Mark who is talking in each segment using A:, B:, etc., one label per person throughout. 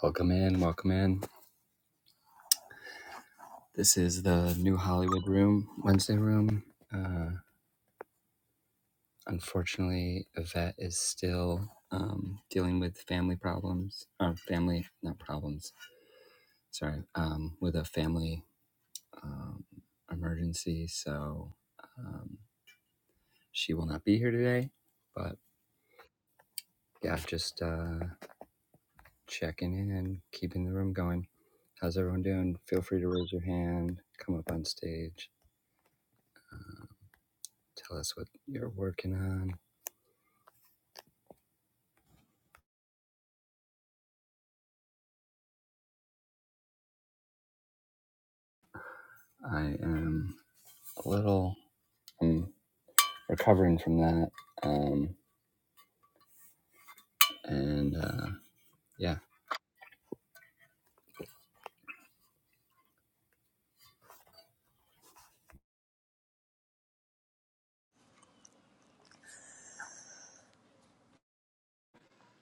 A: Welcome in, welcome in. This is the new Hollywood room, Wednesday room. Uh, unfortunately, Yvette is still um, dealing with family problems, or family, not problems, sorry, um, with a family um, emergency. So um, she will not be here today. But yeah, just uh, checking in and keeping the room going. How's everyone doing? Feel free to raise your hand, come up on stage, tell us what you're working on I am a little I'm recovering from that. Um, and uh, yeah.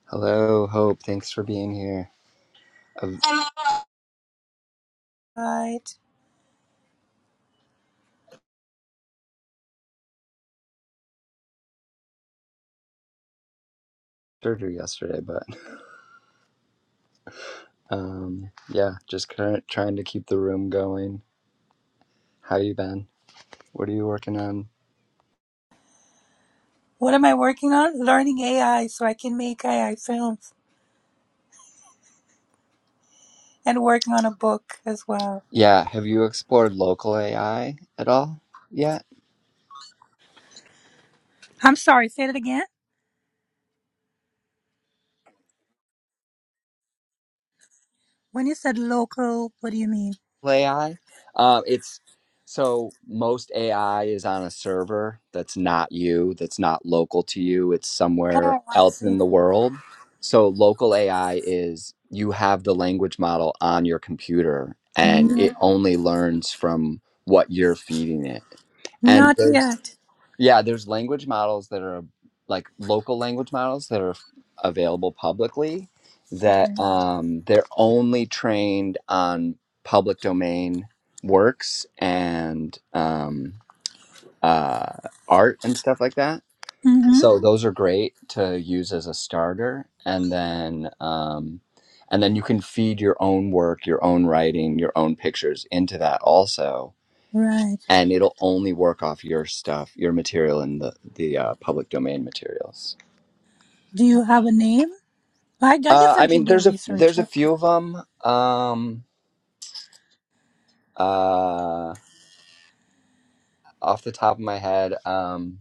A: Hello, Hope. Thanks for being here. I had
B: Right.
A: surgery yesterday, but um, yeah, just current, trying to keep the room going. How you been? What are you working on?
B: What am I working on? Learning AI so I can make AI films and working on a book as well.
A: Yeah, have you explored local AI at all yet?
B: I'm sorry, say that again. When you said local, what do you mean?
A: AI. Um, it's so most AI is on a server that's not you, that's not local to you. It's somewhere
B: Oh, I
A: else
B: see.
A: in the world. So local AI is you have the language model on your computer, and
B: No,
A: it only learns from what you're feeding it. And
B: not
A: there's
B: yet.
A: yeah, there's language models that are like local language models that are available publicly that
B: Okay.
A: um, they're only trained on public domain works and um, uh, art and stuff like that.
B: Mm-hmm.
A: So those are great to use as a starter, and then um, and then you can feed your own work, your own writing, your own pictures into that also
B: Right.
A: and it'll only work off your stuff, your material, and the the uh, public domain materials.
B: Do you have a name? I, I guess
A: Uh, I
B: I can
A: mean,
B: do a
A: there's a
B: research.
A: there's
B: I
A: a few of them. Um, uh, off the top of my head, um,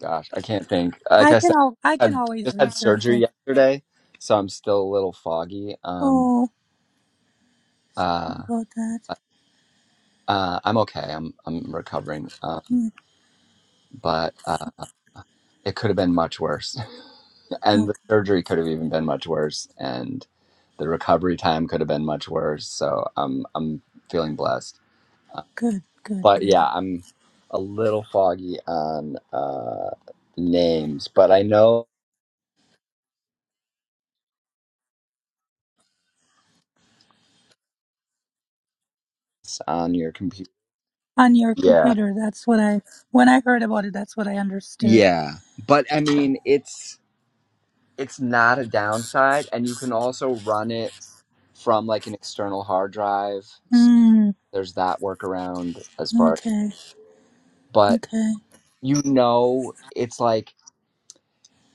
A: gosh, I can't think. Like
B: I
A: I
B: can
A: said,
B: al- I
A: I
B: can always
A: just had
B: research
A: surgery
B: it.
A: yesterday, so I'm still a little foggy. Um,
B: Oh,
A: uh,
B: about that.
A: uh, I'm okay. I'm I'm recovering. Um,
B: Hmm,
A: but. uh, it could have been much worse. and the
B: Okay.
A: surgery could have even been much worse and the recovery time could have been much worse so i'm i'm feeling blessed Uh,
B: Good. Good.
A: but
B: Good.
A: yeah i'm a little foggy on uh names but i know it's on your computer
B: On your
A: yeah
B: computer. That's what I when I heard about it. That's what I understood.
A: yeah but i mean it's it's not a downside and you can also run it from like an external hard drive so
B: Hmm.
A: there's that workaround as far
B: Okay.
A: but
B: Okay.
A: you know it's like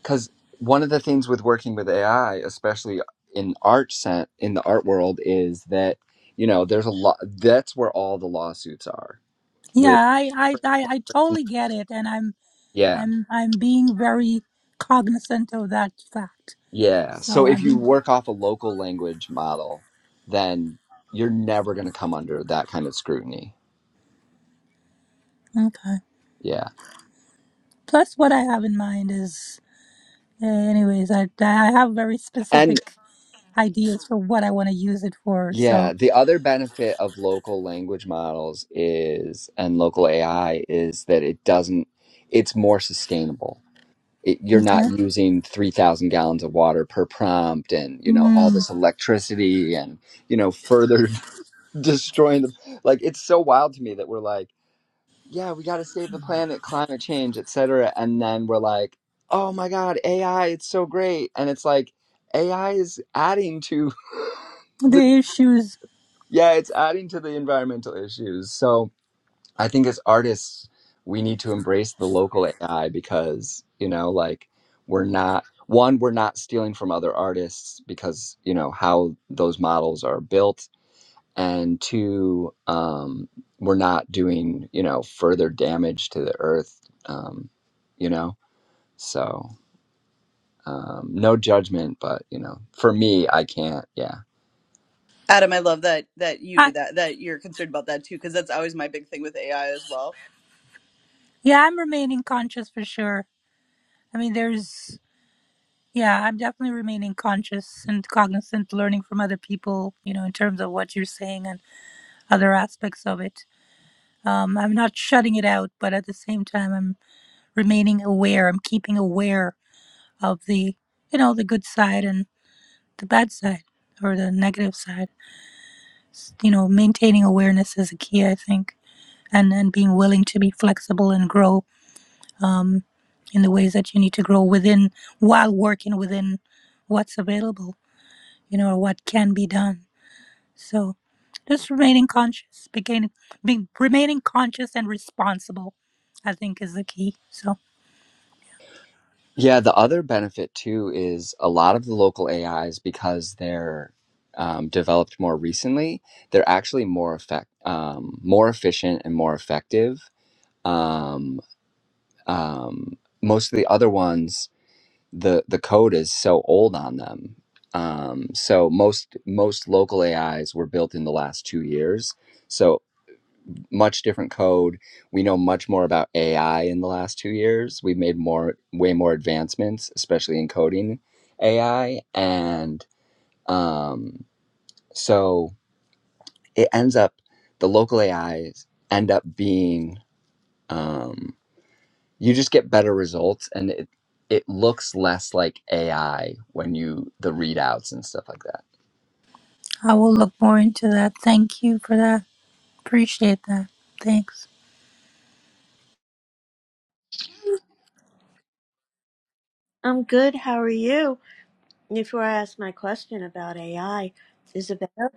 A: because one of the things with working with ai especially in art set in the art world is that you know there's a lot that's where all the lawsuits are
B: Yeah,
A: with
B: I, I, I, I totally get it, and I'm,
A: yeah
B: I'm, I'm being very cognizant of that fact.
A: yeah
B: So
A: so if
B: I'm
A: you
B: being
A: work off a local language model then you're never going to come under that kind of scrutiny
B: okay.
A: yeah
B: Plus, what I have in mind is, uh, anyways, I, I have very
A: and
B: specific ideas for what I want to use it for.
A: yeah
B: So
A: the other benefit of local language models is and local ai is that it doesn't it's more sustainable it, you're not
B: okay.
A: using 3000 gallons of water per prompt and you know all
B: Mm,
A: this electricity and you know further destroying the like it's so wild to me that we're like yeah we got to save the planet climate change et cetera, and then we're like oh my god ai it's so great and it's like ai is adding to the
B: the issues.
A: yeah it's adding to the environmental issues so I think as artists, we need to embrace the local AI because, you know, like we're not, one, we're not stealing from other artists because, you know, how those models are built. And two, um, we're not doing, you know, further damage to the earth, um, you know? So um, no judgment, but, you know, for me, I can't. Yeah.
C: Adam, I love that that you do
B: I,
C: that, that you're concerned about that too, because that's always my big thing with AI as well.
B: yeah, I'm remaining conscious for sure. I mean, there's. Yeah, I'm definitely remaining conscious and cognizant, learning from other people, you know, in terms of what you're saying other aspects of it. Um, I'm not shutting it out, but at the same time, I'm remaining aware. I'm keeping aware of the, you know, the good side and the bad side or the negative side. You know, maintaining awareness is a key, I think, and and being willing to be flexible and grow um, in the ways that you need to grow within while working within what's available, you know, or what can be done. So just remaining conscious, beginning, being, remaining conscious and responsible, I think is the key. So
A: Yeah, the other benefit too is a lot of the local AIs because they're um, developed more recently. They're actually more effect, um, more efficient, and more effective. Um, um, most of the other ones, the the code is so old on them. Um, so most most local AIs were built in the last two years. So much different code. We know much more about AI in the last two years. We've made more, way more advancements, especially in coding AI. And um, so it ends up, the local AIs end up being, um, you just get better results and it, it looks less like AI when you, the readouts and stuff like that.
B: I will look more into that. Thank you for that. Appreciate that. Thanks.
D: I'm good. How are you? Before I ask my question about AI, Isabella,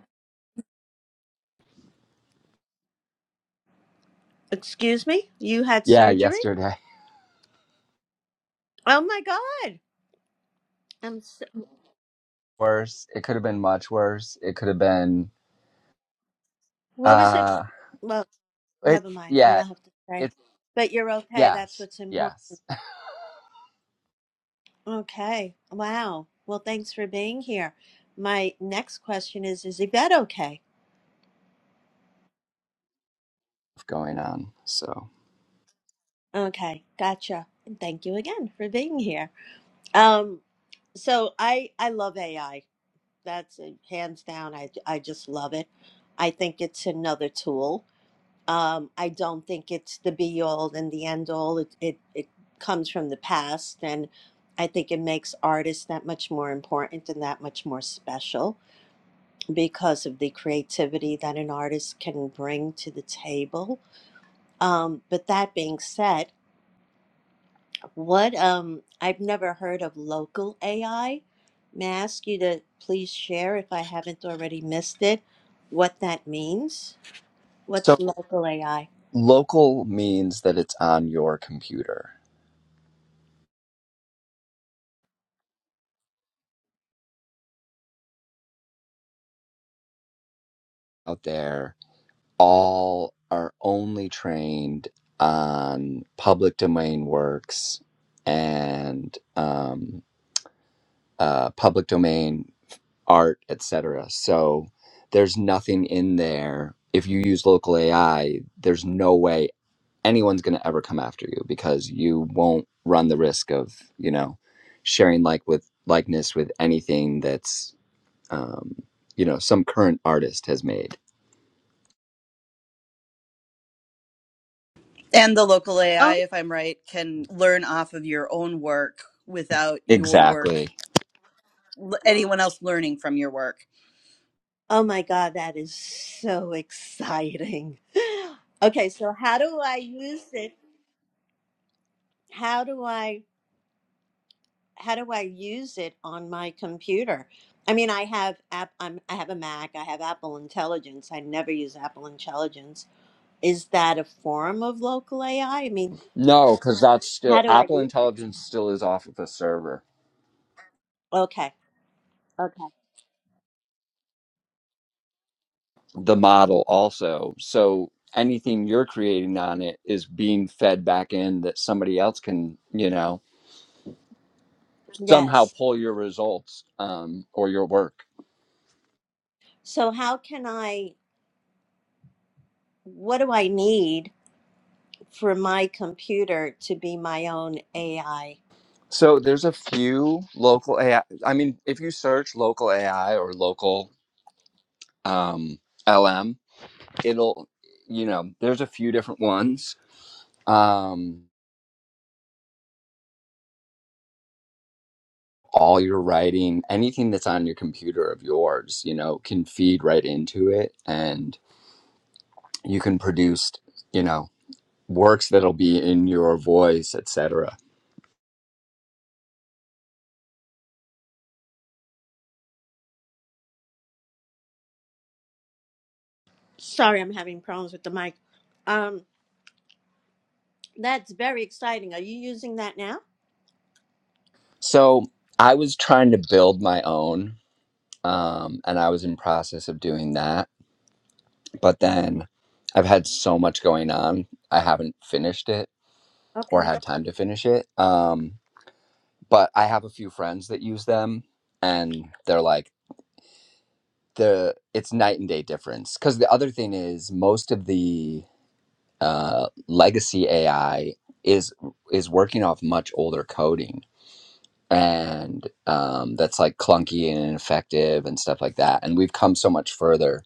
D: excuse me, you had
A: Yeah,
D: surgery?
A: yesterday.
D: Oh my God. I'm so,
A: Worse. It could have been much worse. It could have been,
D: what was it?
A: uh,
D: Well,
A: it,
D: never mind. You
A: yeah,
D: don't have to say.
A: it's
D: But you're okay. That's
A: Yes,
D: what's important.
A: yes,
D: Okay. Wow. Well, thanks for being here. My next question is Is Yvette okay?
A: going on. So,
D: Okay. Gotcha. And thank you again for being here. Um, so I I love AI. That's it, hands down. I, I just love it. I think it's another tool. Um, I don't think it's the be all and the end all. It, it, it comes from the past. And I think it makes artists that much more important and that much more special because of the creativity that an artist can bring to the table. Um, but that being said, What um I've never heard of local AI. May I ask you to please share if I haven't already missed it, what that means? What's
A: so
D: local AI?
A: local means that it's on your computer out there. All are only trained on public domain works and um, uh, public domain art, etc. So there's nothing in there. If you use local AI, there's no way anyone's going to ever come after you because you won't run the risk of you know sharing like with likeness with anything that's um, you know some current artist has made.
C: And the local AI,
D: Oh,
C: if I'm right, can learn off of your own work without your work,
A: Exactly.
C: l- anyone else learning from your work.
D: Oh my God, that is so exciting. Okay, so how do I use it? How do I how do I use it on my computer? I mean, I have app I'm, I have a Mac, I have Apple Intelligence. I never use Apple Intelligence. Is that a form of local AI? I I mean,
A: No, because that's
D: How
A: still
D: do I
A: Apple
D: use it?
A: Intelligence still is off of a server.
D: Okay. Okay.
A: the model also. So anything you're creating on it is being fed back in that somebody else can, you know, somehow
D: Yes.
A: pull your results um, or your work.
D: So how can I what do I need for my computer to be my own AI?
A: So there's a few local AI. I I mean, if you search local AI or local um, LM, it'll, you know, there's a few different ones. Um, all your writing, anything that's on your computer of yours, you know, can feed right into it and you can produce you know works that'll be in your voice, etc.
D: Sorry, I'm having problems with the mic. Um that's very exciting. Are you using that now?
A: So I was trying to build my own, um, and I was in process of doing that. But then I've had so much going on, I haven't finished it or
D: Okay.
A: had time to finish it. Um, but I have a few friends that use them, and they're like the it's night and day difference. Because the other thing is most of the uh, legacy AI is is working off much older coding and um, that's like clunky and ineffective and stuff like that. And we've come so much further.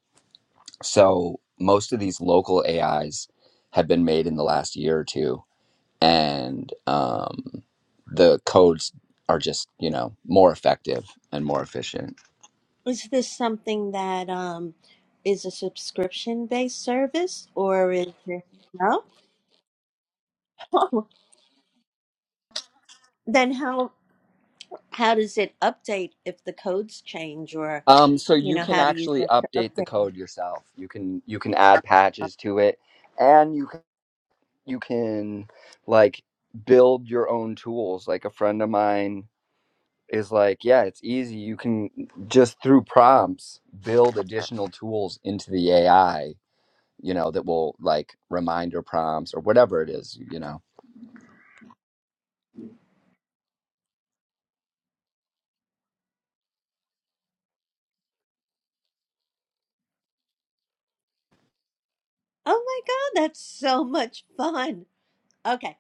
A: So most of these local AIs have been made in the last year or two, and um, the codes are just you know more effective and more efficient.
D: Is this something that um is a subscription based service or is it no? then how how does it update if the codes change or
A: Um, so
D: you
A: you
D: know
A: can
D: how do you
A: actually
D: get to
A: update the
D: update? it?
A: code yourself. You can you can add patches to it, and you can, you can like build your own tools. Like a friend of mine is like, yeah, it's easy. You can just through prompts build additional tools into the AI, you know, that will like reminder prompts or whatever it is, you know.
D: Oh my God, that's so much fun. Okay.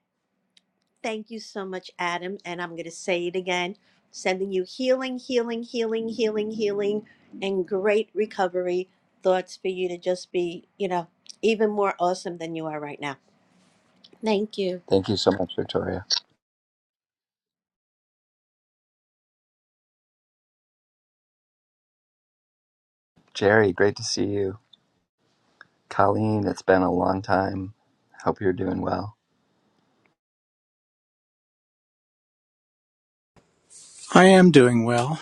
D: Thank you so much, Adam. And I'm going to say it again sending you healing, healing, healing, healing, healing, and great recovery thoughts for you to just be, you know, even more awesome than you are right now. Thank you.
A: Thank you so much, Victoria. Jerry, great to see you. Colleen, it's been a long time. Hope you're doing well.
E: I am doing well,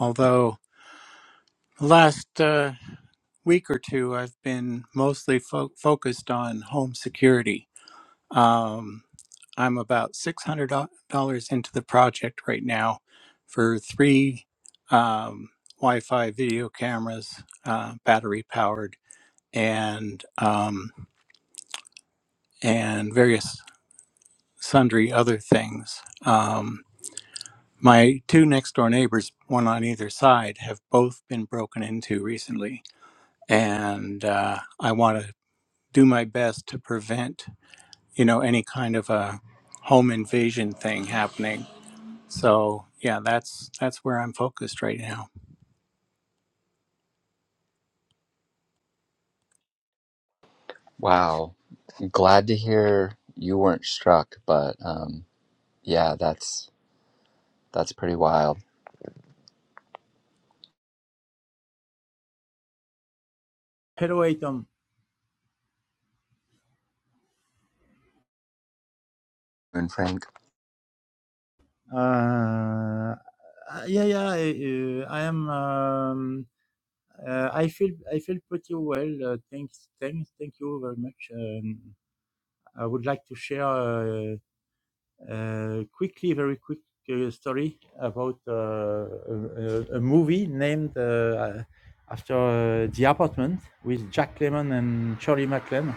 E: although the last uh, week or two I've been mostly fo- focused on home security. Um, I'm about $600 into the project right now for three um, Wi Fi video cameras, uh, battery powered, and, um, and various sundry other things. Um, my two next door neighbors, one on either side, have both been broken into recently and uh, I want to do my best to prevent, you know, any kind of a home invasion thing happening. So yeah, that's that's where I'm focused right now.
A: Wow. Glad to hear you weren't struck, but um yeah, that's that's pretty wild.
F: Hello, Aiton.
A: And Frank.
F: Uh, uh, yeah, yeah. I, uh, I am. Um, uh, I feel. I feel pretty well. Uh, thanks. Thanks. Thank you very much. Um, I would like to share. uh, Uh, quickly, very quick uh, story about uh, a, a- movie named uh, uh, after uh, The Apartment with Jack Lemmon and Shirley MacLaine.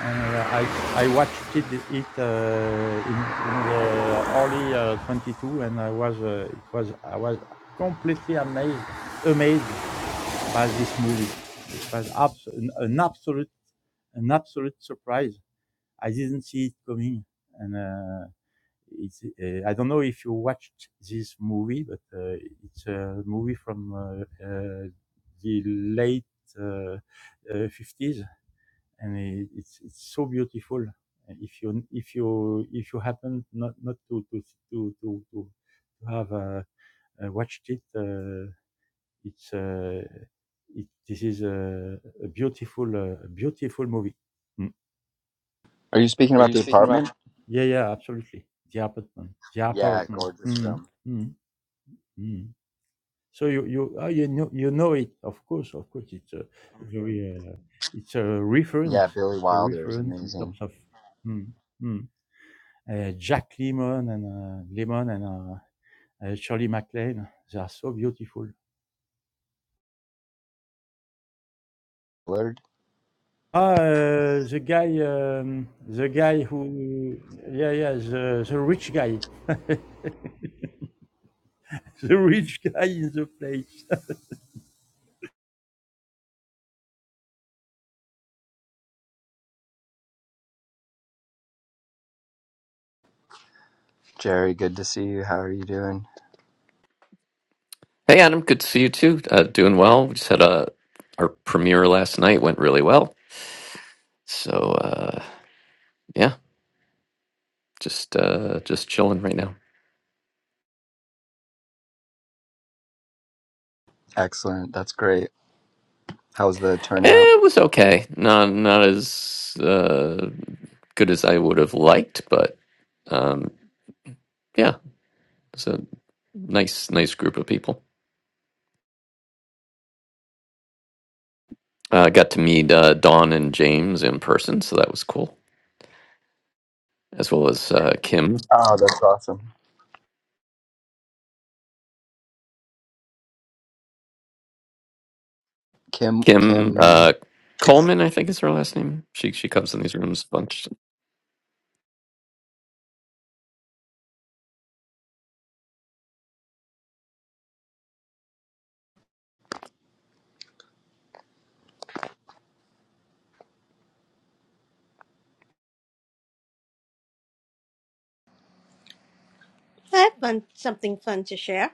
F: And uh, I, I watched it, it uh, in, in the early uh, 22, and I was uh, it was I was completely amazed amazed by this movie. It was abs- an, an absolute an absolute surprise. I didn't see it coming, and. Uh, it's, uh, I don't know if you watched this movie, but uh, it's a movie from uh, uh, the late uh, uh, 50s, and it's it's so beautiful. If you if you if you happen not not to to to to, to to have uh, uh, watched it, uh, it's uh, it, this is a, a beautiful uh, beautiful movie. Mm.
A: Are you speaking
F: Are
A: about
F: you
A: the
F: speaking about?
A: apartment?
F: Yeah, yeah, absolutely. The apartment, the Yeah, apartment. gorgeous Mm, film. mm. Mm. So you you ah, you know you know it of course of course it's a very uh, it's a
A: Yeah,
F: reference
A: Billy
F: it's a
A: Wilder is
F: reference in terms
A: amazing.
F: of mm, mm. Uh, Jack Lemon and uh, Lemon and uh, uh, Shirley MacLaine they are so beautiful. Ah, uh, the guy um, the guy who yeah yeah the the rich guy the rich guy in the play
A: Jerry, good to see you. How are you doing?
G: Hey, Adam, good to see you too. Uh, doing well. We just had a our premiere last night. Went really well. So uh, yeah, just uh, just chilling right now.
A: Excellent. That's great. How's the
G: Eh,
A: turnout?
G: It was okay. Not not as uh, good as I would have liked, but um, yeah, it's a nice nice group of people. Uh, I got to meet uh, Dawn and James in person, so that was cool. As well as uh, Kim
A: Oh, that's awesome. Kim,
G: Kim uh,
A: Kim.
G: Coleman, I think is her last name. She she comes in these rooms a bunch.
D: I have fun, something fun to share.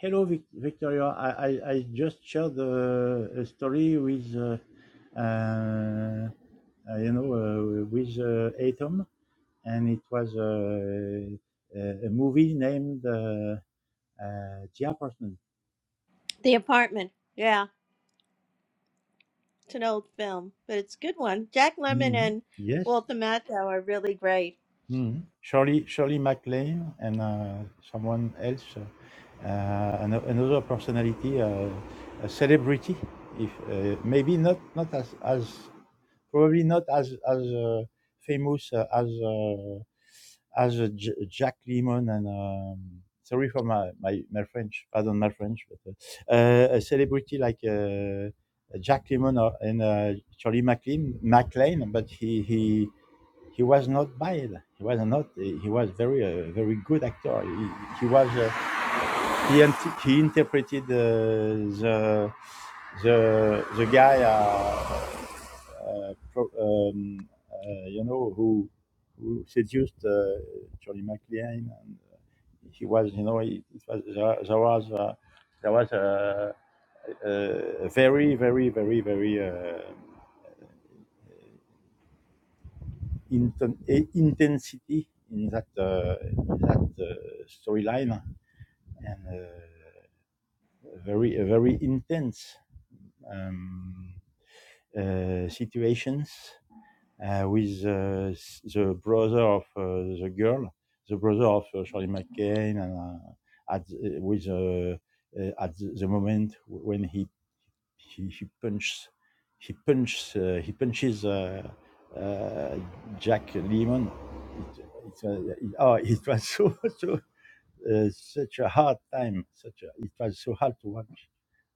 F: Hello, Vic- Victoria. I, I, I just shared uh, a story with, uh, uh, uh, you know, uh, with uh, Atom, and it was uh, a, a movie named uh, uh, The Apartment.
D: The apartment. Yeah, it's an old film, but it's a good one. Jack Lemmon
F: Mhm.
D: and
F: Yes.
D: Walter Matthau are really great.
F: Mhm. Shirley, Shirley MacLaine and uh, someone else, uh, uh, ano- another personality, uh, a celebrity, if uh, maybe not not as as probably not as as uh, famous uh, as uh, as uh, J- Jack Lemmon and um, sorry for my, my, my French, pardon my French, but uh, uh, a celebrity like uh, Jack Lemmon or, and uh, Charlie McLean, McLean, but he he he was not bad. He was not. He was very uh, very good actor. He, he was. Uh, he int- he interpreted uh, the the the guy, uh, uh, pro- um, uh, you know, who who seduced uh, Johnny McLean, and uh, he was, you know, it, it was there, there was uh, there was a, a very very very very uh, inten- a- intensity in that uh, in that uh, storyline, and uh, very very intense. um, uh, situations uh, with uh, the brother of uh, the girl, the brother of uh, Shirley MacLaine, and uh, at uh, with uh, uh, at the moment when he he, he punches he punches uh, he punches uh, uh, Jack Lemmon. It, it's, uh, it- oh, it was so so uh, such a hard time. Such a, it was so hard to watch.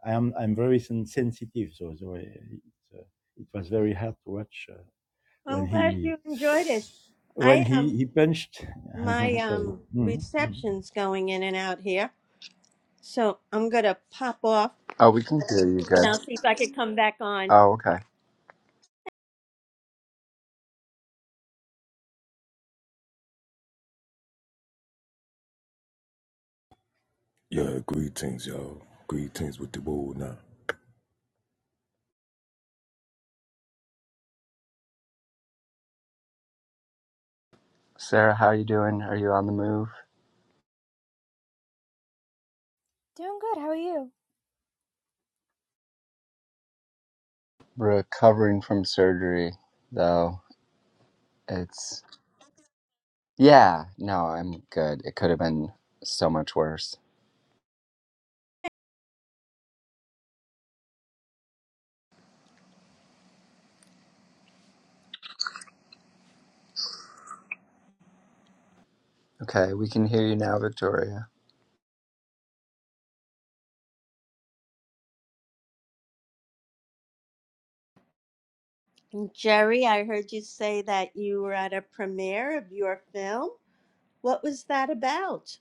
F: I am I'm very sen- sensitive, so, so uh, it, uh, it was very hard to watch uh, when
D: I'm glad
F: he
D: you enjoyed it.
F: when
D: I am.
F: he he punched.
D: My
F: Sorry.
D: um
F: Mhm, mhm.
D: reception's going in and out here, so I'm gonna pop off
A: Oh, we can hear you
D: and I'll
A: good.
D: see if I could come back on.
A: Oh, okay.
H: Yeah, greetings, y'all. Greetings with the world now.
A: Sarah, how you doing? Are you on the move?
I: Doing good. How are you?
A: Recovering from surgery, though. It's yeah. No, I'm good. It could have been so much worse. Okay, we can hear you now, Victoria.
D: Jerry, I heard you say that you were at a premiere of your film. What was that about?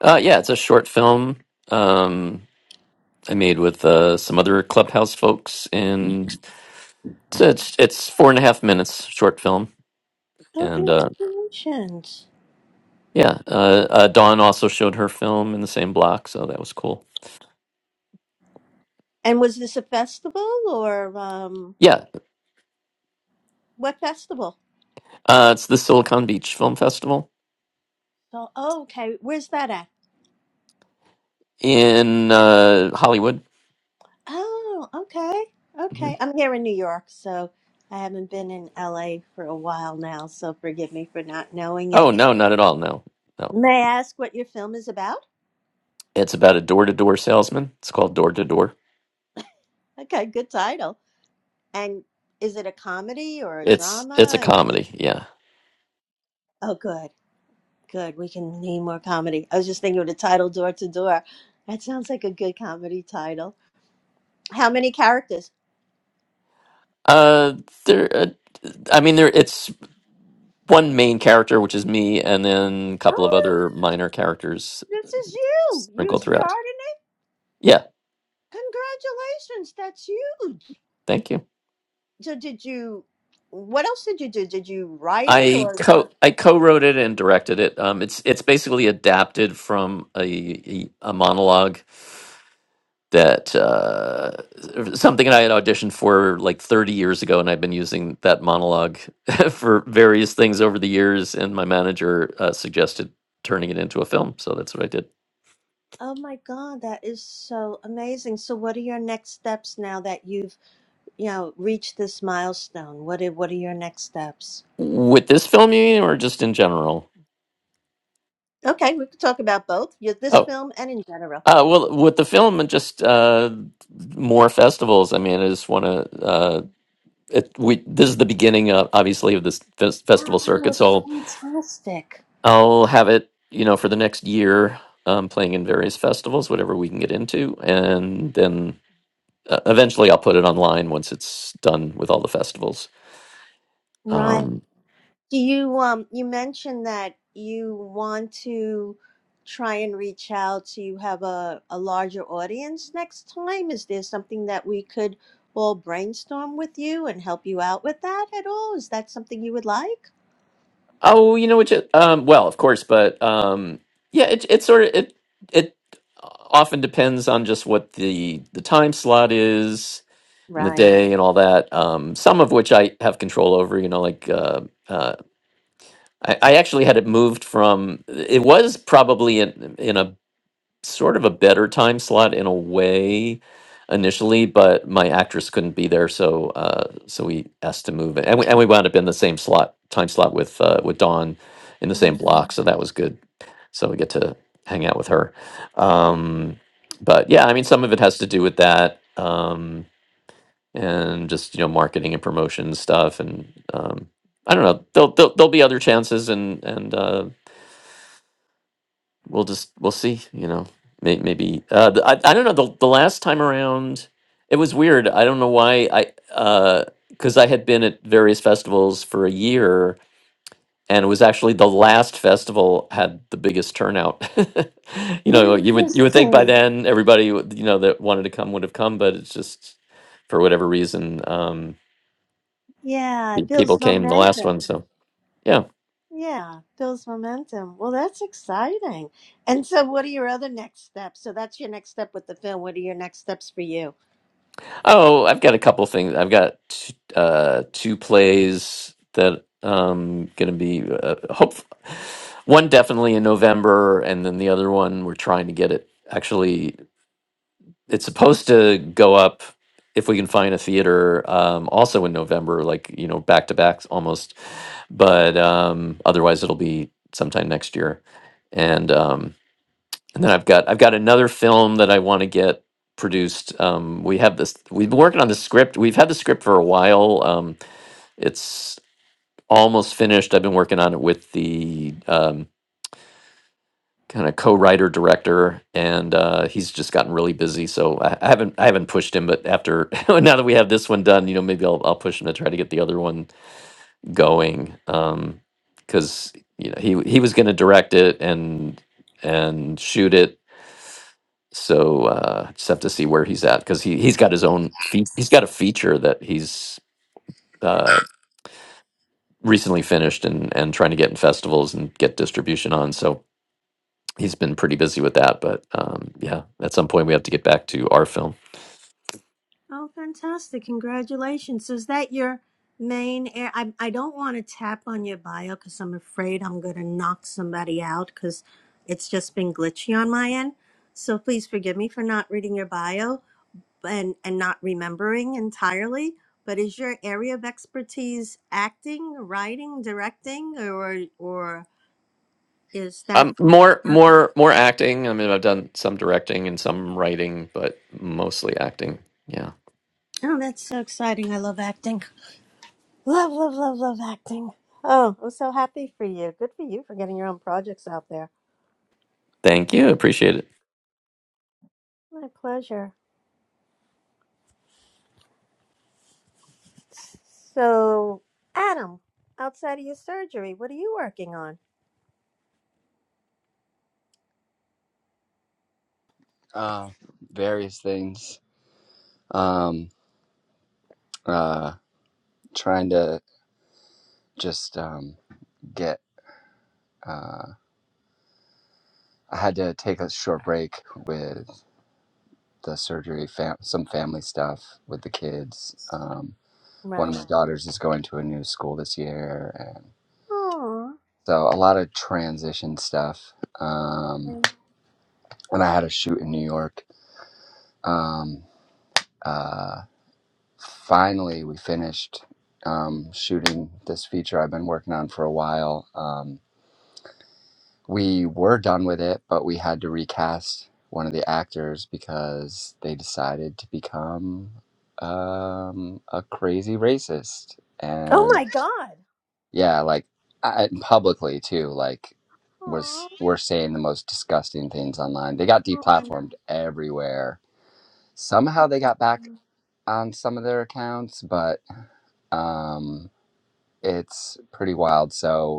G: Uh, yeah, it's a short film um, I made with uh, some other Clubhouse folks, and it's, it's it's four and a half minutes short film.
D: Oh,
G: And uh,
D: congratulations!
G: yeah, uh, uh, Dawn also showed her film in the same block, so that was cool.
D: And was this a festival or um
G: Yeah,
D: what festival?
G: uh, it's the Silicon Beach Film Festival
D: So, oh, okay, where's that at?
G: in uh, Hollywood.
D: Oh, okay,
G: hmm
D: okay. I'm here in New York, so I haven't been in LA for a while now, so forgive me for not knowing it.
G: Oh no, not at all. No, no,
D: May I ask what your film is about?
G: it's about a door to door salesman. It's called Door to Door.
D: Okay, good title. And is it a comedy or a
G: It's it's a
D: drama? Or It,
G: comedy. Yeah.
D: oh, good, good. We can need more comedy. I was just thinking of the title "Door to Door." That sounds like a good comedy title. How many characters?
G: Uh, there. Uh, I mean, there. It's. one main character, which is me, and then a couple
D: Oh,
G: of other minor characters
D: this is you. You
G: sprinkled throughout.
D: started it.
G: Yeah,
D: Congratulations, that's huge.
G: thank you.
D: So, did you? What else did you do? Did you write it
G: I
D: or?
G: co I co-wrote it and directed it. Um, it's it's basically adapted from a a monologue that uh, something I had auditioned for like 30 years ago, and I've been using that monologue for various things over the years. And my manager uh, suggested turning it into a film, so that's what I did.
D: Oh my God, that is so amazing. So, what are your next steps now that you've you know, reach this milestone? What are, what are your next steps?
G: With this film, you mean, or just in general?
D: Okay, we could talk about both yeah, this
G: Oh,
D: film and in general.
G: Uh, well, with the film and just uh, more festivals. I mean, I just want to. Uh, it, we this is the beginning, of, obviously, of this fes- festival circuit.
D: Oh,
G: So
D: fantastic.
G: I'll have it, you know, for the next year, um, playing in various festivals, whatever we can get into, and then uh, eventually I'll put it online once it's done with all the festivals.
D: Right.
G: Um,
D: Do you um you mentioned that you want to try and reach out so you have a, a larger audience next time? Is there something that we could all brainstorm with you and help you out with that at all? Is that something you would like?
G: oh, you know what? you- Um, well, of course, but um, yeah, it it sort of it it often depends on just what the the time slot is and the
D: Right.
G: day and all that. Um, some of which I have control over. You know, like uh, uh, I, I actually had it moved from. It was probably in in a sort of a better time slot in a way initially, but my actress couldn't be there, so uh, so we asked to move it, and we, and we wound up in the same slot time slot with uh, with Dawn in the same
D: Right.
G: block, so that was good. So we get to hang out with her. Um, but yeah, I mean, some of it has to do with that. Um, and just you know marketing and promotion stuff and um i don't know there'll there'll, there'll be other chances and and uh we'll just we'll see you know May- maybe uh the, I, I don't know the, the last time around it was weird i don't know why i uh because i had been at various festivals for a year and it was actually the last festival had the biggest turnout you
D: Oh,
G: know you would you would think by
D: Interesting.
G: then everybody would- you know that wanted to come would have come but it's just for whatever reason Um,
D: Yeah,
G: Pe-
D: it
G: People
D: builds
G: came the last
D: momentum.
G: one, so yeah.
D: Yeah, builds momentum. Well, that's exciting. And so, what are your other next steps? So, that's your next step with the film. What are your next steps for you?
G: Oh, I've got a couple things. I've got t- uh, two plays that um going to be uh, hope. One definitely in November, and then the other one we're trying to get it. Actually, it's supposed to go up if we can find a theater. Um, also in November, like you know, back to backs almost. But um, otherwise, it'll be sometime next year, and um, and then I've got I've got another film that I want to get produced. Um, we have this. We've been working on the script. We've had the script for a while. Um, it's almost finished. I've been working on it with the um, kind of co-writer director, and uh, he's just gotten really busy. So I, I haven't I haven't pushed him. But after now that we have this one done, you know, maybe I'll I'll push him to try to get the other one going. Um, because you know he he was going to direct it and and shoot it So uh, just have to see where he's at because he he's got his own fe- he's got a feature that he's uh, recently finished and and trying to get in festivals and get distribution on. So he's been pretty busy with that. But um, yeah, at some point we have to get back to our film.
D: Oh, fantastic. Congratulations. So, is that your main air? I, I don't want to tap on your bio because I'm afraid I'm going to knock somebody out because it's just been glitchy on my end. So, please forgive me for not reading your bio and, and not remembering entirely. But is your area of expertise acting, writing, directing, or, or? is that
G: Um, more more more acting. I mean, I've done some directing and some writing, but mostly acting. Yeah.
D: oh that's so exciting i love acting love love love love acting oh i'm so happy for you good for you for getting your own projects out there
G: Thank you. Appreciate it.
D: my pleasure so adam outside of your surgery what are you working on
A: Uh, various things. Um, uh, trying to just um get I had to take a short break with the surgery, fam- some family stuff with the kids. Um, one of
D: right
A: my daughters is going to a new school this year, and
D: Aww.
A: so a lot of transition stuff. Um, and I had a shoot in New York. Um, uh, finally, we finished um, shooting this feature I've been working on for a while. Um, we were done with it, but we had to recast one of the actors because they decided to become um, a crazy racist,
D: oh
A: and
D: my god
A: yeah, like I, publicly too, like was
D: Aww.
A: were saying the most disgusting things online. They got
D: Oh.
A: deplatformed everywhere. Somehow they got back on some of their accounts, but um, it's pretty wild. So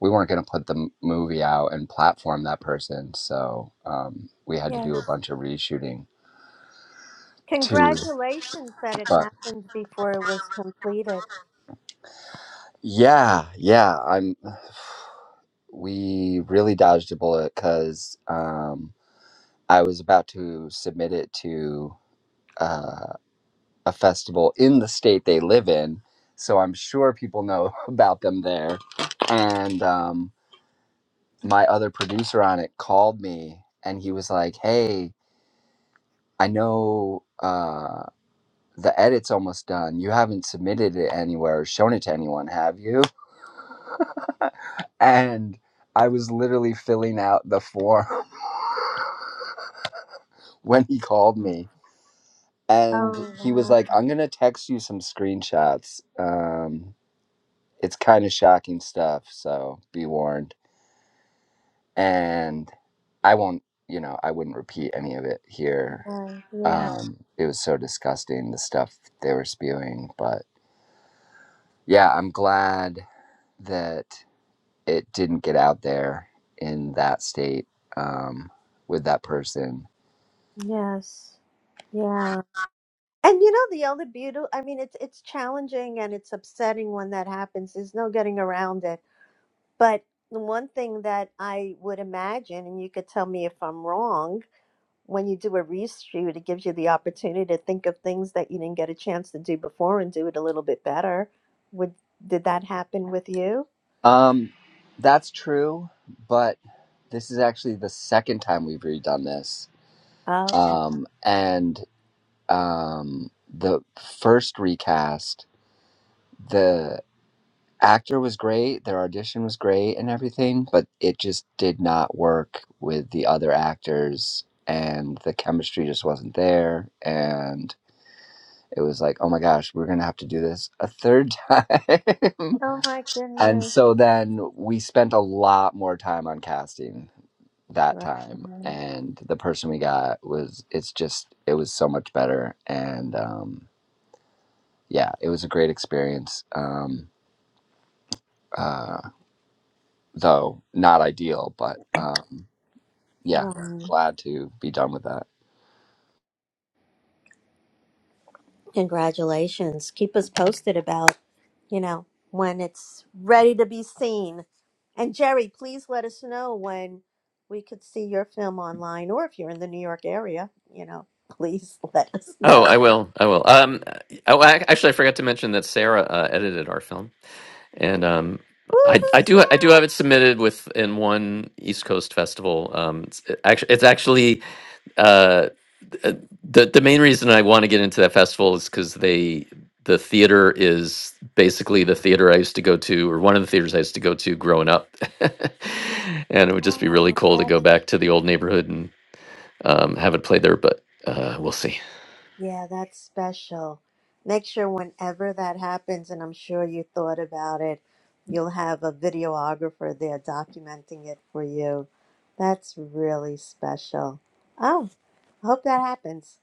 A: we weren't going to put the movie out and platform that person, so um, we had to
D: yes
A: do a bunch of reshooting too.
D: congratulations that it
A: But
D: happened before it was completed
A: yeah, yeah, I'm. We really dodged a bullet because um, I was about to submit it to uh, a festival in the state they live in, so I'm sure people know about them there. And um, my other producer on it called me, and he was like, "Hey." I know uh, the edit's almost done. You haven't submitted it anywhere or shown it to anyone, have you? And I was literally filling out the form when he called me. And
D: oh
A: he was
D: wow
A: like, I'm going to text you some screenshots. Um, it's kind of shocking stuff, so be warned. And I won't, you know, I wouldn't repeat any of it here.
D: Right. Yeah.
A: Um, it was so disgusting, the stuff they were spewing, but. yeah, I'm glad that it didn't get out there in that state um, with that person.
D: Yes. Yeah. And you know the other beauty, I mean it's it's challenging and it's upsetting when that happens. There's no getting around it. But the one thing that I would imagine and you could tell me if I'm wrong, when you do a reshoot, it gives you the opportunity to think of things that you didn't get a chance to do before and do it a little bit better. Would did that happen with you?
A: Um, that's true, but this is actually the second time we've redone this.
D: Okay.
A: Um, and um, the first recast, the actor was great, their audition was great, and everything, but it just did not work with the other actors, and the chemistry just wasn't there. And it was like, oh my gosh, we're going to have to do this a third time.
D: Oh my
A: and
D: goodness.
A: so then we spent a lot more time on casting that time.
D: Right.
A: And the person we got was, it's just, it was so much better. And um, yeah, it was a great experience. Um, uh, though not ideal, but um, yeah,
D: Right.
A: glad to be done with that.
D: Congratulations. Keep us posted about, you know, when it's ready to be seen. And Jerry, please let us know when we could see your film online or if you're in the New York area, you know, please let us
G: Oh,
D: know.
G: I will. I will. Um, oh, ac- actually, I forgot to mention that Sarah uh, edited our film. And um, I
D: Woohoo,
G: I do I do have
D: Sarah!
G: it submitted with in one East Coast festival. Um, it's actually it's actually uh, uh, the the main reason I want to get into that festival is because they the theater is basically the theater I used to go to or one of the theaters I used to go to growing up, and it would just be really
D: Oh,
G: cool to
D: that
G: go back to the old neighborhood and um, have it play there. But uh, we'll see.
D: yeah, that's special. Make sure whenever that happens, and I'm sure you thought about it, you'll have a videographer there documenting it for you. That's really special. Oh. I hope that happens.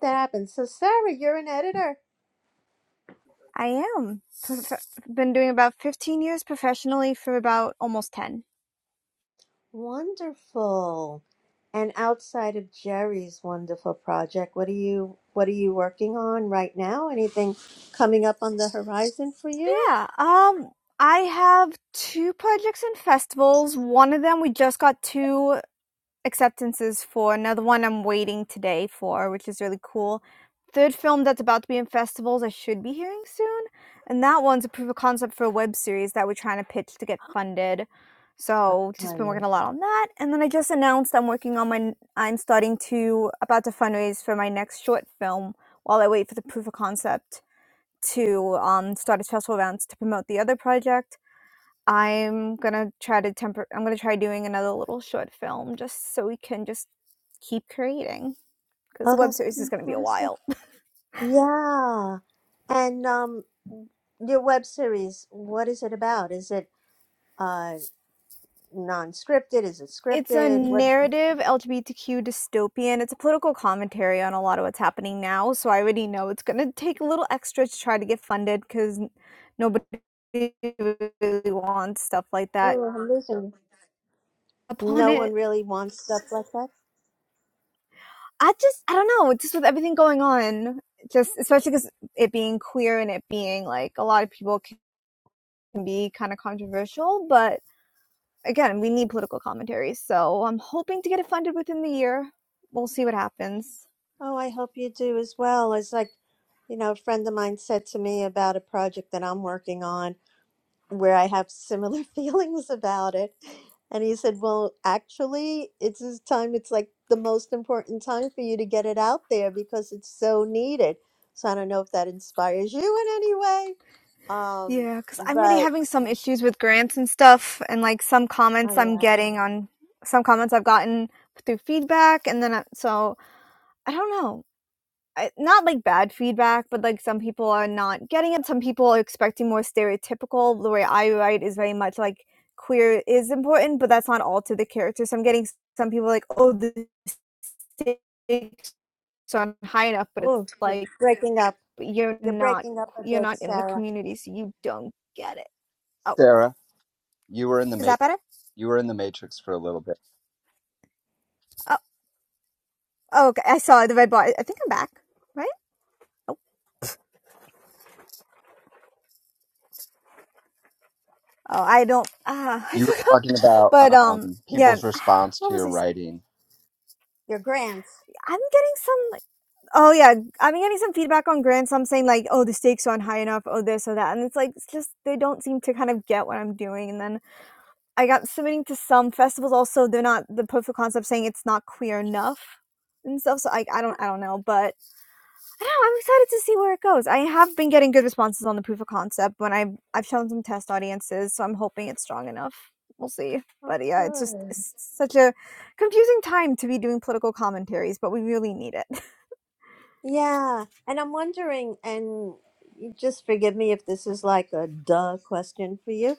D: That happens. So, Sarah, you're an editor.
I: I am. Prof- been doing about 15 years professionally for about almost 10.
D: Wonderful. And outside of Jerry's wonderful project, what are you what are you working on right now? Anything coming up on the horizon for you?
I: Yeah. Um I have two projects and festivals. One of them we just got two acceptances for. another one I'm waiting today for, which is really cool. Third film that's about to be in festivals, I should be hearing soon. And that one's a proof of concept for a web series that we're trying to pitch to get funded. So just been working
D: Fun.
I: a lot on that. And then I just announced I'm working on my I'm starting to about to fundraise for my next short film while I wait for the proof of concept to um, start its festival rounds to promote the other project I'm gonna try to temper. I'm gonna try doing another little short film just so we can just keep creating because the
D: Oh,
I: web
D: that's
I: series is gonna be a
D: fantastic.
I: while.
D: Yeah. And um, your web series, what is it about? Is it uh non-scripted? Is it
I: It's a
D: scripted? What?
I: narrative LGBTQ dystopian. It's a political commentary on a lot of what's happening now. So I already know it's gonna take a little extra to try to get funded because nobody really wants stuff like that
D: Oh, I'm losing. you.
I: upon
D: No one
I: it.
D: really wants stuff like that.
I: I just I don't know. Just with everything going on, just especially because it being queer and it being like a lot of people can be kind of controversial, but again, we need political commentary. So I'm hoping to get it funded within the year. We'll see what happens.
D: Oh, I hope you do as well. It's like, you know, a friend of mine said to me about a project that I'm working on where I have similar feelings about it. And he said, Well, actually, it's this time, it's like the most important time for you to get it out there because it's so needed. So I don't know if that inspires you in any way. Um,
I: Yeah, because I'm already
D: but
I: having some issues with grants and stuff, and like some comments
D: oh
I: I'm
D: yeah.
I: getting on some comments I've gotten through feedback, and then I, so I don't know. I, not like bad feedback, but like some people are not getting it. Some people are expecting more stereotypical. The way I write is very much like queer is important, but that's not all to the character. So I'm getting some people like, oh, this stakes aren't high enough, but it's
D: Oh, you're
I: like
D: breaking up.
I: you're
D: You're
I: not
D: breaking up a
I: you're
D: bit,
I: not in the
D: Sarah.
I: community, so you don't get it. Oh,
A: Sarah, you were in the
I: is
A: ma-
I: that better?
A: you were in the Matrix for a little bit.
I: Oh, oh okay. I saw the red bar. I think I'm back, right? Oh, I don't. Ah,
A: You were
I: uh,
A: talking about
I: but um,
A: um,
I: yeah.
A: people's response
I: What
A: to
I: was
A: your
I: I saying?
A: writing
D: Your grants.
I: I'm getting some. Like, oh yeah, I'm getting some feedback on grants. so I'm saying like, oh, the stakes aren't high enough. Oh, this or that, and it's like it's just they don't seem to kind of get what I'm doing, and then I got submitting to some festivals. Also, they're not the proof of concept saying it's not queer enough and stuff. So I, I don't I don't know, but I don't know. I'm excited to see where it goes. I have been getting good responses on the proof of concept when I have I've shown some test audiences, so I'm hoping it's strong enough. We'll see.
D: Oh,
I: But yeah, it's just
D: good.
I: it's such a confusing time to be doing political commentaries, but we really need it.
D: Yeah, and I'm wondering, and you just forgive me if this is like a duh question for you,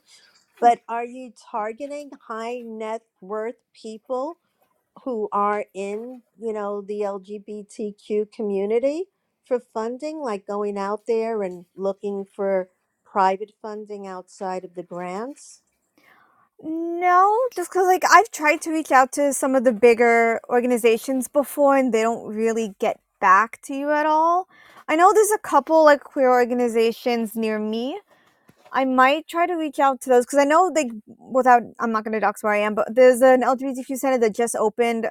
D: but are you targeting high net worth people who are in, you know, the LGBTQ community for funding, like going out there and looking for private funding outside of the grants?
I: No, just cause like, I've tried to reach out to some of the bigger organizations before, and they don't really get back to you at all. I know there's a couple, like, queer organizations near me. I might try to reach out to those because I know, like, without I'm not gonna dox where I am, but there's an LGBTQ center that just opened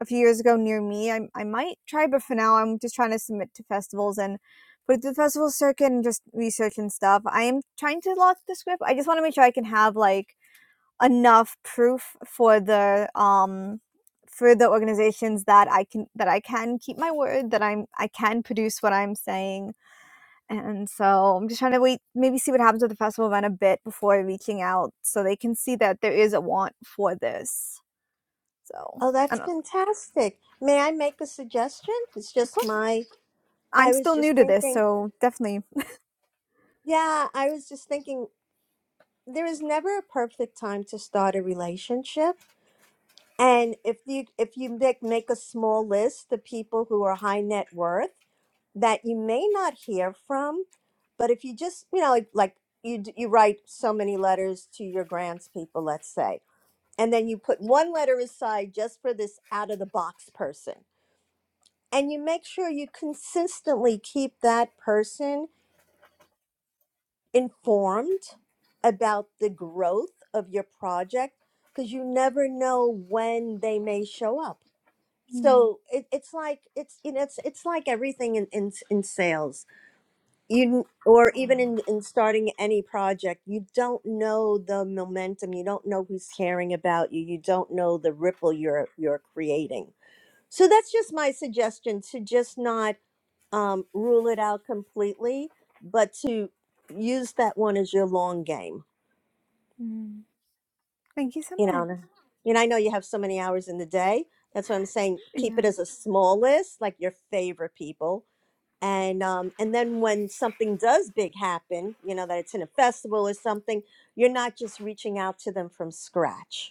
I: a few years ago near me. I I might try, but for now, I'm just trying to submit to festivals and put it through the festival circuit and just research and stuff. I am trying to launch the script. I just wanna make sure I can have, like enough proof for the um for the organizations that I can that I can keep my word that I'm I can produce what I'm saying and so I'm just trying to wait maybe see what happens with the festival event a bit before reaching out so they can see that there is a want for this so
D: Oh,
I: I
D: that's
I: don't
D: fantastic. May I make a suggestion? It's just my,
I: I'm
D: I was
I: still new
D: just
I: to this
D: thinking.
I: so definitely
D: Yeah, I was just thinking there is never a perfect time to start a relationship and if you if you make, make a small list of people who are high net worth that you may not hear from but if you just you know like, like you d- you write so many letters to your grants people let's say and then you put one letter aside just for this out of the box person and you make sure you consistently keep that person informed about the growth of your project because you never know when they may show up.
I: Mm,
D: So it, it's like it's you know it's it's like everything in in, in sales you n- or even in, in starting any project you don't know the momentum you don't know who's caring about you you don't know the ripple you're you're creating so that's just my suggestion to just not um, rule it out completely, but to use that one as your long game.
I: mm. thank you so
D: You know,
I: much
D: and and I know you have so many hours in the day. That's what I'm saying. Keep it
I: yeah
D: as a small list, like your favorite people, and um, and then when something does big happen, you know that it's in a festival or something, you're not just reaching out to them from scratch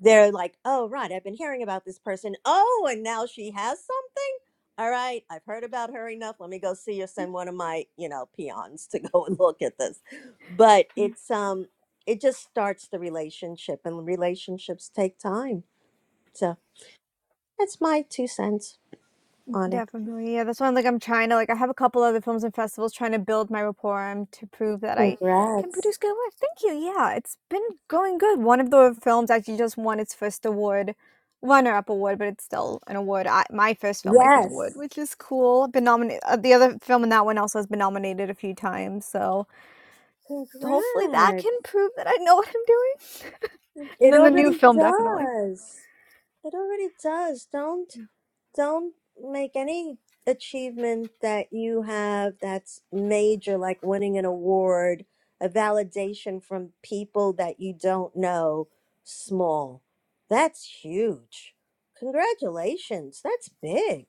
D: they're like, oh, right, I've been hearing about this person. Oh, and now she has something. All right, I've heard about her enough. Let me go see or
I: Mm,
D: send one of my, you know, peons to go and look at this. But
I: Yeah.
D: it's um, it just starts the relationship, and relationships take time. So that's my two cents on it.
I: Definitely. Yeah, that's why I'm like I'm trying to like I have a couple other films and festivals trying to build my rapport and to prove that I can produce
D: Congrats.
I: good work. Thank you. Yeah, it's been going good. One of the films actually just won its first award, runner-up award, but it's still an award. I, my first filmmaking award,
D: Yes.
I: which is cool. I've been nominated. Uh, the other film in that one also has been nominated a few times, so hopefully that can
D: Congrats.
I: prove that I know what I'm doing. And
D: It
I: then the new
D: already
I: film definitely.
D: does. It already does. Don't don't make any achievement that you have that's major, like winning an award, a validation from people that you don't know, small. That's huge. Congratulations. That's big.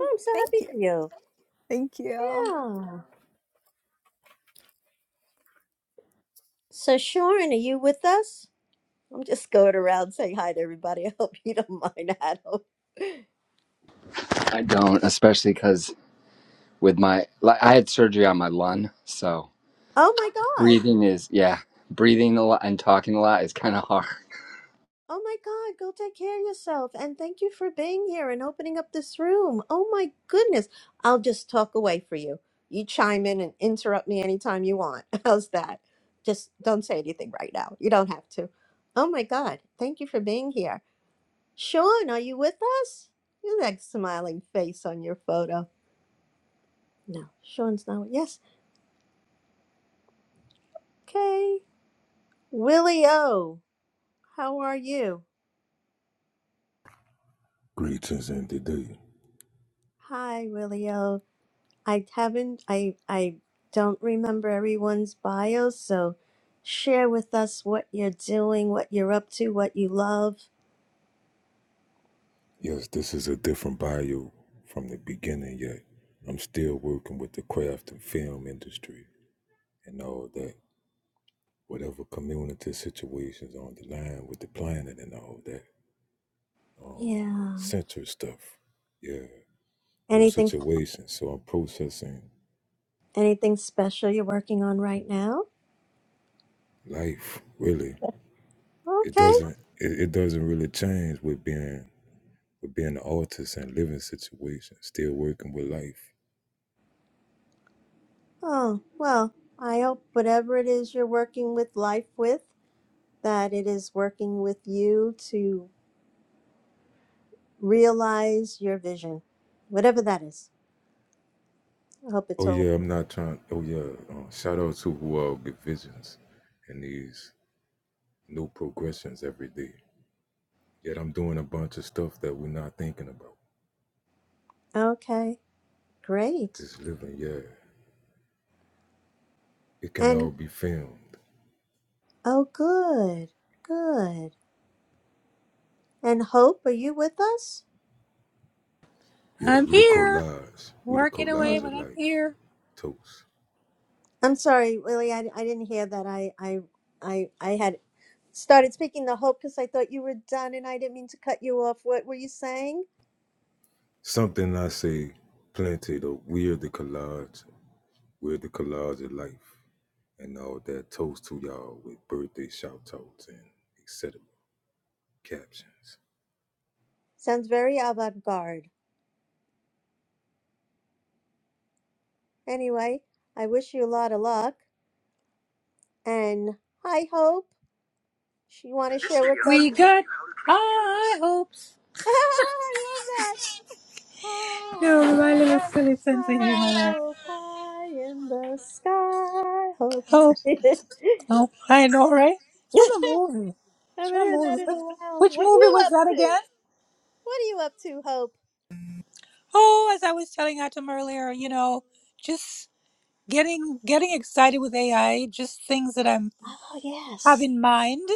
D: Oh, I'm so
I: thank
D: happy
I: you,
D: for you.
I: thank you.
D: Yeah. So, Sharon, are you with us? I'm just going around saying hi to everybody. I hope you don't mind, Adam.
A: I don't, especially because with my like I had surgery on my lung, so
D: Oh my
A: breathing is yeah, breathing a lot and talking a lot is kind of hard.
D: Oh my God, go take care of yourself. And thank you for being here and opening up this room. Oh my goodness. I'll just talk away for you. You chime in and interrupt me anytime you want. How's that? Just don't say anything right now. You don't have to. Oh my God, thank you for being here. Sean, are you with us? You have that smiling face on your photo. No, Sean's not. Yes. Okay. Willie O, how are you?
H: Greetings in the day.
D: Hi, Willie O. I haven't, I, I don't remember everyone's bios, so share with us what you're doing, what you're up to, what you love.
H: Yes, this is a different bio from the beginning, yet I'm still working with the craft and film industry and all that. Whatever community situations on the line with the planet and all that. Um,
D: Yeah.
H: center stuff. Yeah, new
D: Anything,
H: situations. So I'm processing
D: anything special you're working on right now?
H: life, really. It
D: Okay.
H: doesn't. It, it doesn't really change with being but being an artist and living situations, still working with life.
D: Oh, well, I hope whatever it is you're working with life with, that it is working with you to realize your vision, whatever that is. I hope it's
H: Oh
D: all
H: yeah, I'm not trying. Oh yeah, uh, shout out to who all get visions and these new progressions every day. Yet I'm doing a bunch of stuff that we're not thinking about.
D: okay. Great.
H: Just living, yeah. It can all
D: And,
H: be filmed.
D: oh, good, good. And Hope, are you with us?
H: Yeah,
B: I'm
H: we the
B: here,
H: collage. We the
B: working away,
H: collage
D: Mhm.
B: but
H: of
B: I'm
H: life.
B: here.
H: Toast.
D: I'm sorry, Willie, I, I didn't hear that. I, I, I, I had started speaking to Hope because I thought you were done and I didn't mean to cut you off. What were you saying?
H: Something I say plenty though. We're the collage. We're the collage of life. and all that. Toast to y'all with birthday shout outs and etc. captions.
D: Sounds very avant garde. Anyway, I wish you a lot of luck. And hi, Hope. Sh- You want to share with
B: We
D: us?
B: got high hopes.
D: I love that.
B: No,
D: Hi,
B: remind
D: Hope.
B: me of silly sense of humor
D: Hi,
B: there.
D: apple pie in the sky. Hopes.
B: Oh, oh, I know, right? It's from a movie.
D: I
B: It's
D: haven't
B: from a
D: heard that
B: movie.
D: in a
B: Which
D: while.
B: which
D: What are
B: movie
D: you
B: was
D: up
B: that
D: to?
B: again?
D: What are you up to, Hope?
B: Oh, as I was telling Atom earlier, you know, just getting getting excited with AI, just things that I'm
D: Oh
B: have
D: yes.
B: in mind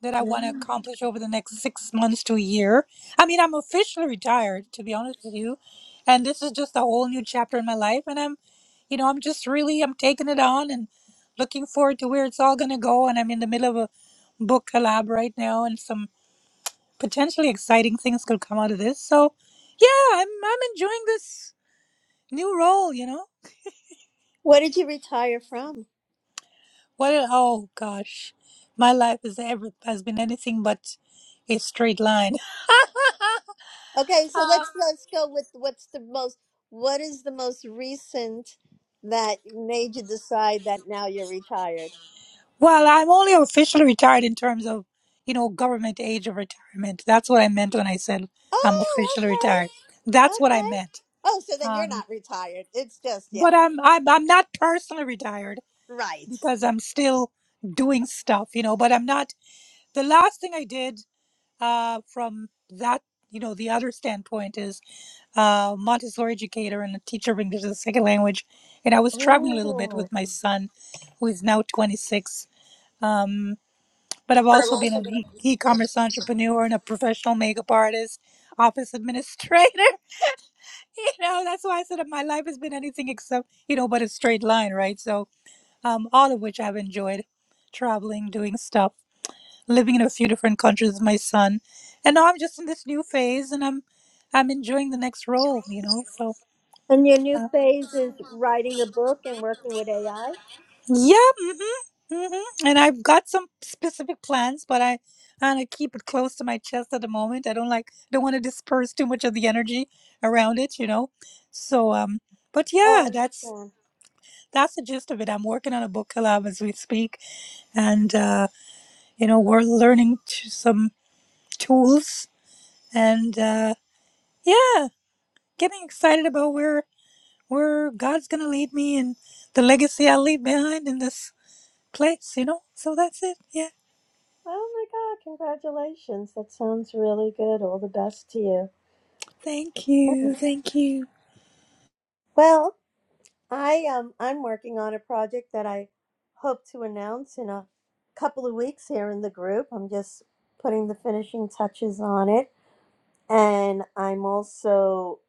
B: that I want to
D: Yeah.
B: accomplish over the next six months to a year. I mean, I'm officially retired, to be honest with you, and this is just a whole new chapter in my life. And I'm, you know, I'm just really I'm taking it on and looking forward to where it's all gonna go. And I'm in the middle of a book collab right now, and some potentially exciting things could come out of this. So, yeah, I'm I'm enjoying this new role, you know.
D: What did you retire from?
B: What? a- Oh gosh, my life is ever has been anything but a straight line.
D: Okay, so
B: Uh,
D: let's let's go with what's the most what is the most recent that made you decide that now you're retired?
B: Well, I'm only officially retired in terms of, you know, government age of retirement. That's what I meant when I said I'm
D: Oh,
B: officially
D: okay.
B: retired. That's what I
D: Okay.
B: meant.
D: Oh, so then you're
B: Um,
D: not retired. It's just yeah.
B: but I'm I'm I'm not personally retired
D: Right.
B: because I'm still doing stuff, you know. But I'm not. The last thing I did, uh, from that, you know, the other standpoint is uh, Montessori educator and a teacher of English as a second language. And I was traveling a little bit
D: Oh.
B: with my son, who is now 26. Um, but I've also been an e- e-commerce entrepreneur and a professional makeup artist, office administrator. You know, that's why I said that my life has been anything except, you know, but a straight line, right? So um, all of which I've enjoyed traveling, doing stuff, living in a few different countries with my son. And now I'm just in this new phase and I'm I'm enjoying the next role, you know. So,
D: And your new phase is writing a book and working with AI?
B: yeah, mm-hmm, mm-hmm. And I've got some specific plans, but I I want to keep it close to my chest at the moment. I don't like don't want to disperse too much of the energy around it, you know. So um, but
D: Oh, I
B: yeah, that's
D: understand.
B: that's the gist of it. I'm working on a book collab as we speak, and uh, you know we're learning t- some tools, and uh, yeah, getting excited about where where God's gonna lead me and the legacy I leave behind in this place, you know? So that's it. Yeah.
D: Oh my God, congratulations. That sounds really good. All the best to you.
B: Thank you. Thank you.
D: Well, I um I'm working on a project that I hope to announce in a couple of weeks here in the group. I'm just putting the finishing touches on it. And I'm also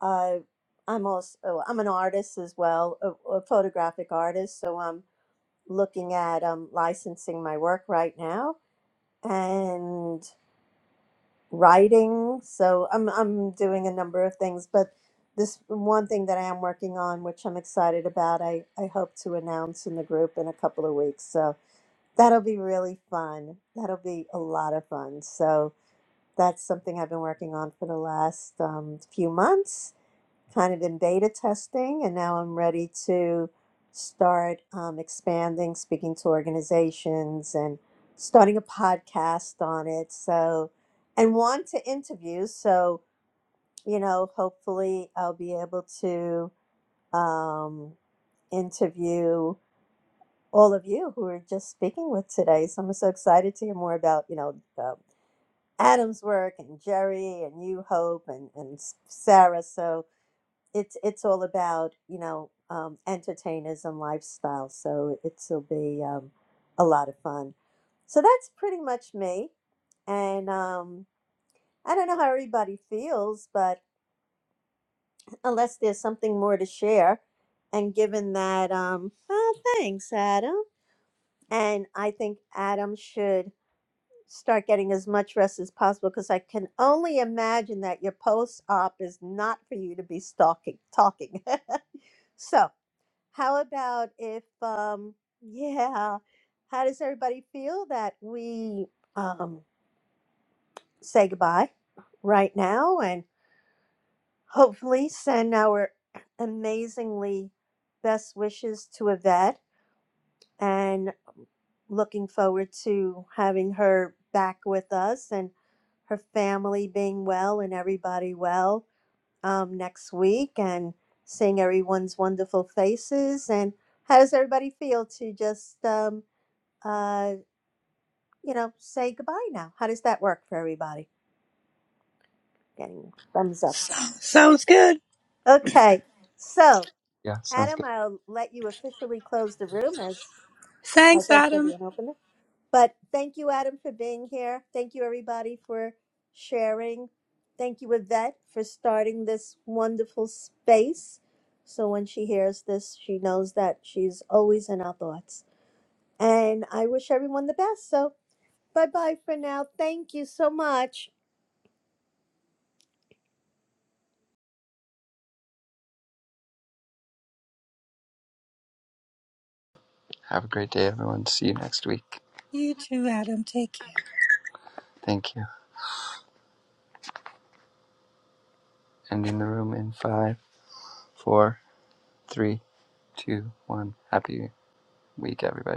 D: uh, I'm also oh, I'm an artist as well, a, a photographic artist, so I'm looking at um licensing my work right now. And writing. So I'm I'm doing a number of things, but this one thing that I am working on, which I'm excited about, I, I hope to announce in the group in a couple of weeks. So that'll be really fun. That'll be a lot of fun. So that's something I've been working on for the last um, few months kind of in beta testing, and now I'm ready to start um, expanding, speaking to organizations, and starting a podcast on it. So, and want to interview. So, you know, hopefully I'll be able to um, interview all of you who are just speaking with today. So I'm so excited to hear more about, you know, uh, Adam's work and Jerry and you, Hope, and, and Sarah. So, it's it's all about you know um, entertainers and lifestyle. So it'll be um, a lot of fun. So that's pretty much me. And um, I don't know how everybody feels, but unless there's something more to share, and given that, um, oh, thanks, Adam. And I think Adam should start getting as much rest as possible because I can only imagine that your post op is not for you to be stalking, talking. so How about if, um, yeah, how does everybody feel that we um, say goodbye right now and hopefully send our amazingly best wishes to Yvette and looking forward to having her back with us and her family being well and everybody well. um, next week and seeing everyone's wonderful faces. And how does everybody feel to just, um, uh, you know, say goodbye now? How does that work for everybody? Getting thumbs up.
B: So, sounds good.
D: Okay. So,
A: Yeah, sounds
D: Adam,
A: good.
D: I'll let you officially close the room as I
B: Thanks,
D: guess you'll be
B: Adam.
D: an opener. But thank you, Adam, for being here. Thank you, everybody, for sharing. Thank you, Yvette, for starting this wonderful space. So when she hears this, she knows that she's always in our thoughts. And I wish everyone the best. So bye bye for now. Thank you so much.
A: Have a great day, everyone. See you next week.
B: You too, Adam. Take care.
A: Thank you. Ending the room in five, four, three, two, one. Happy week, everybody.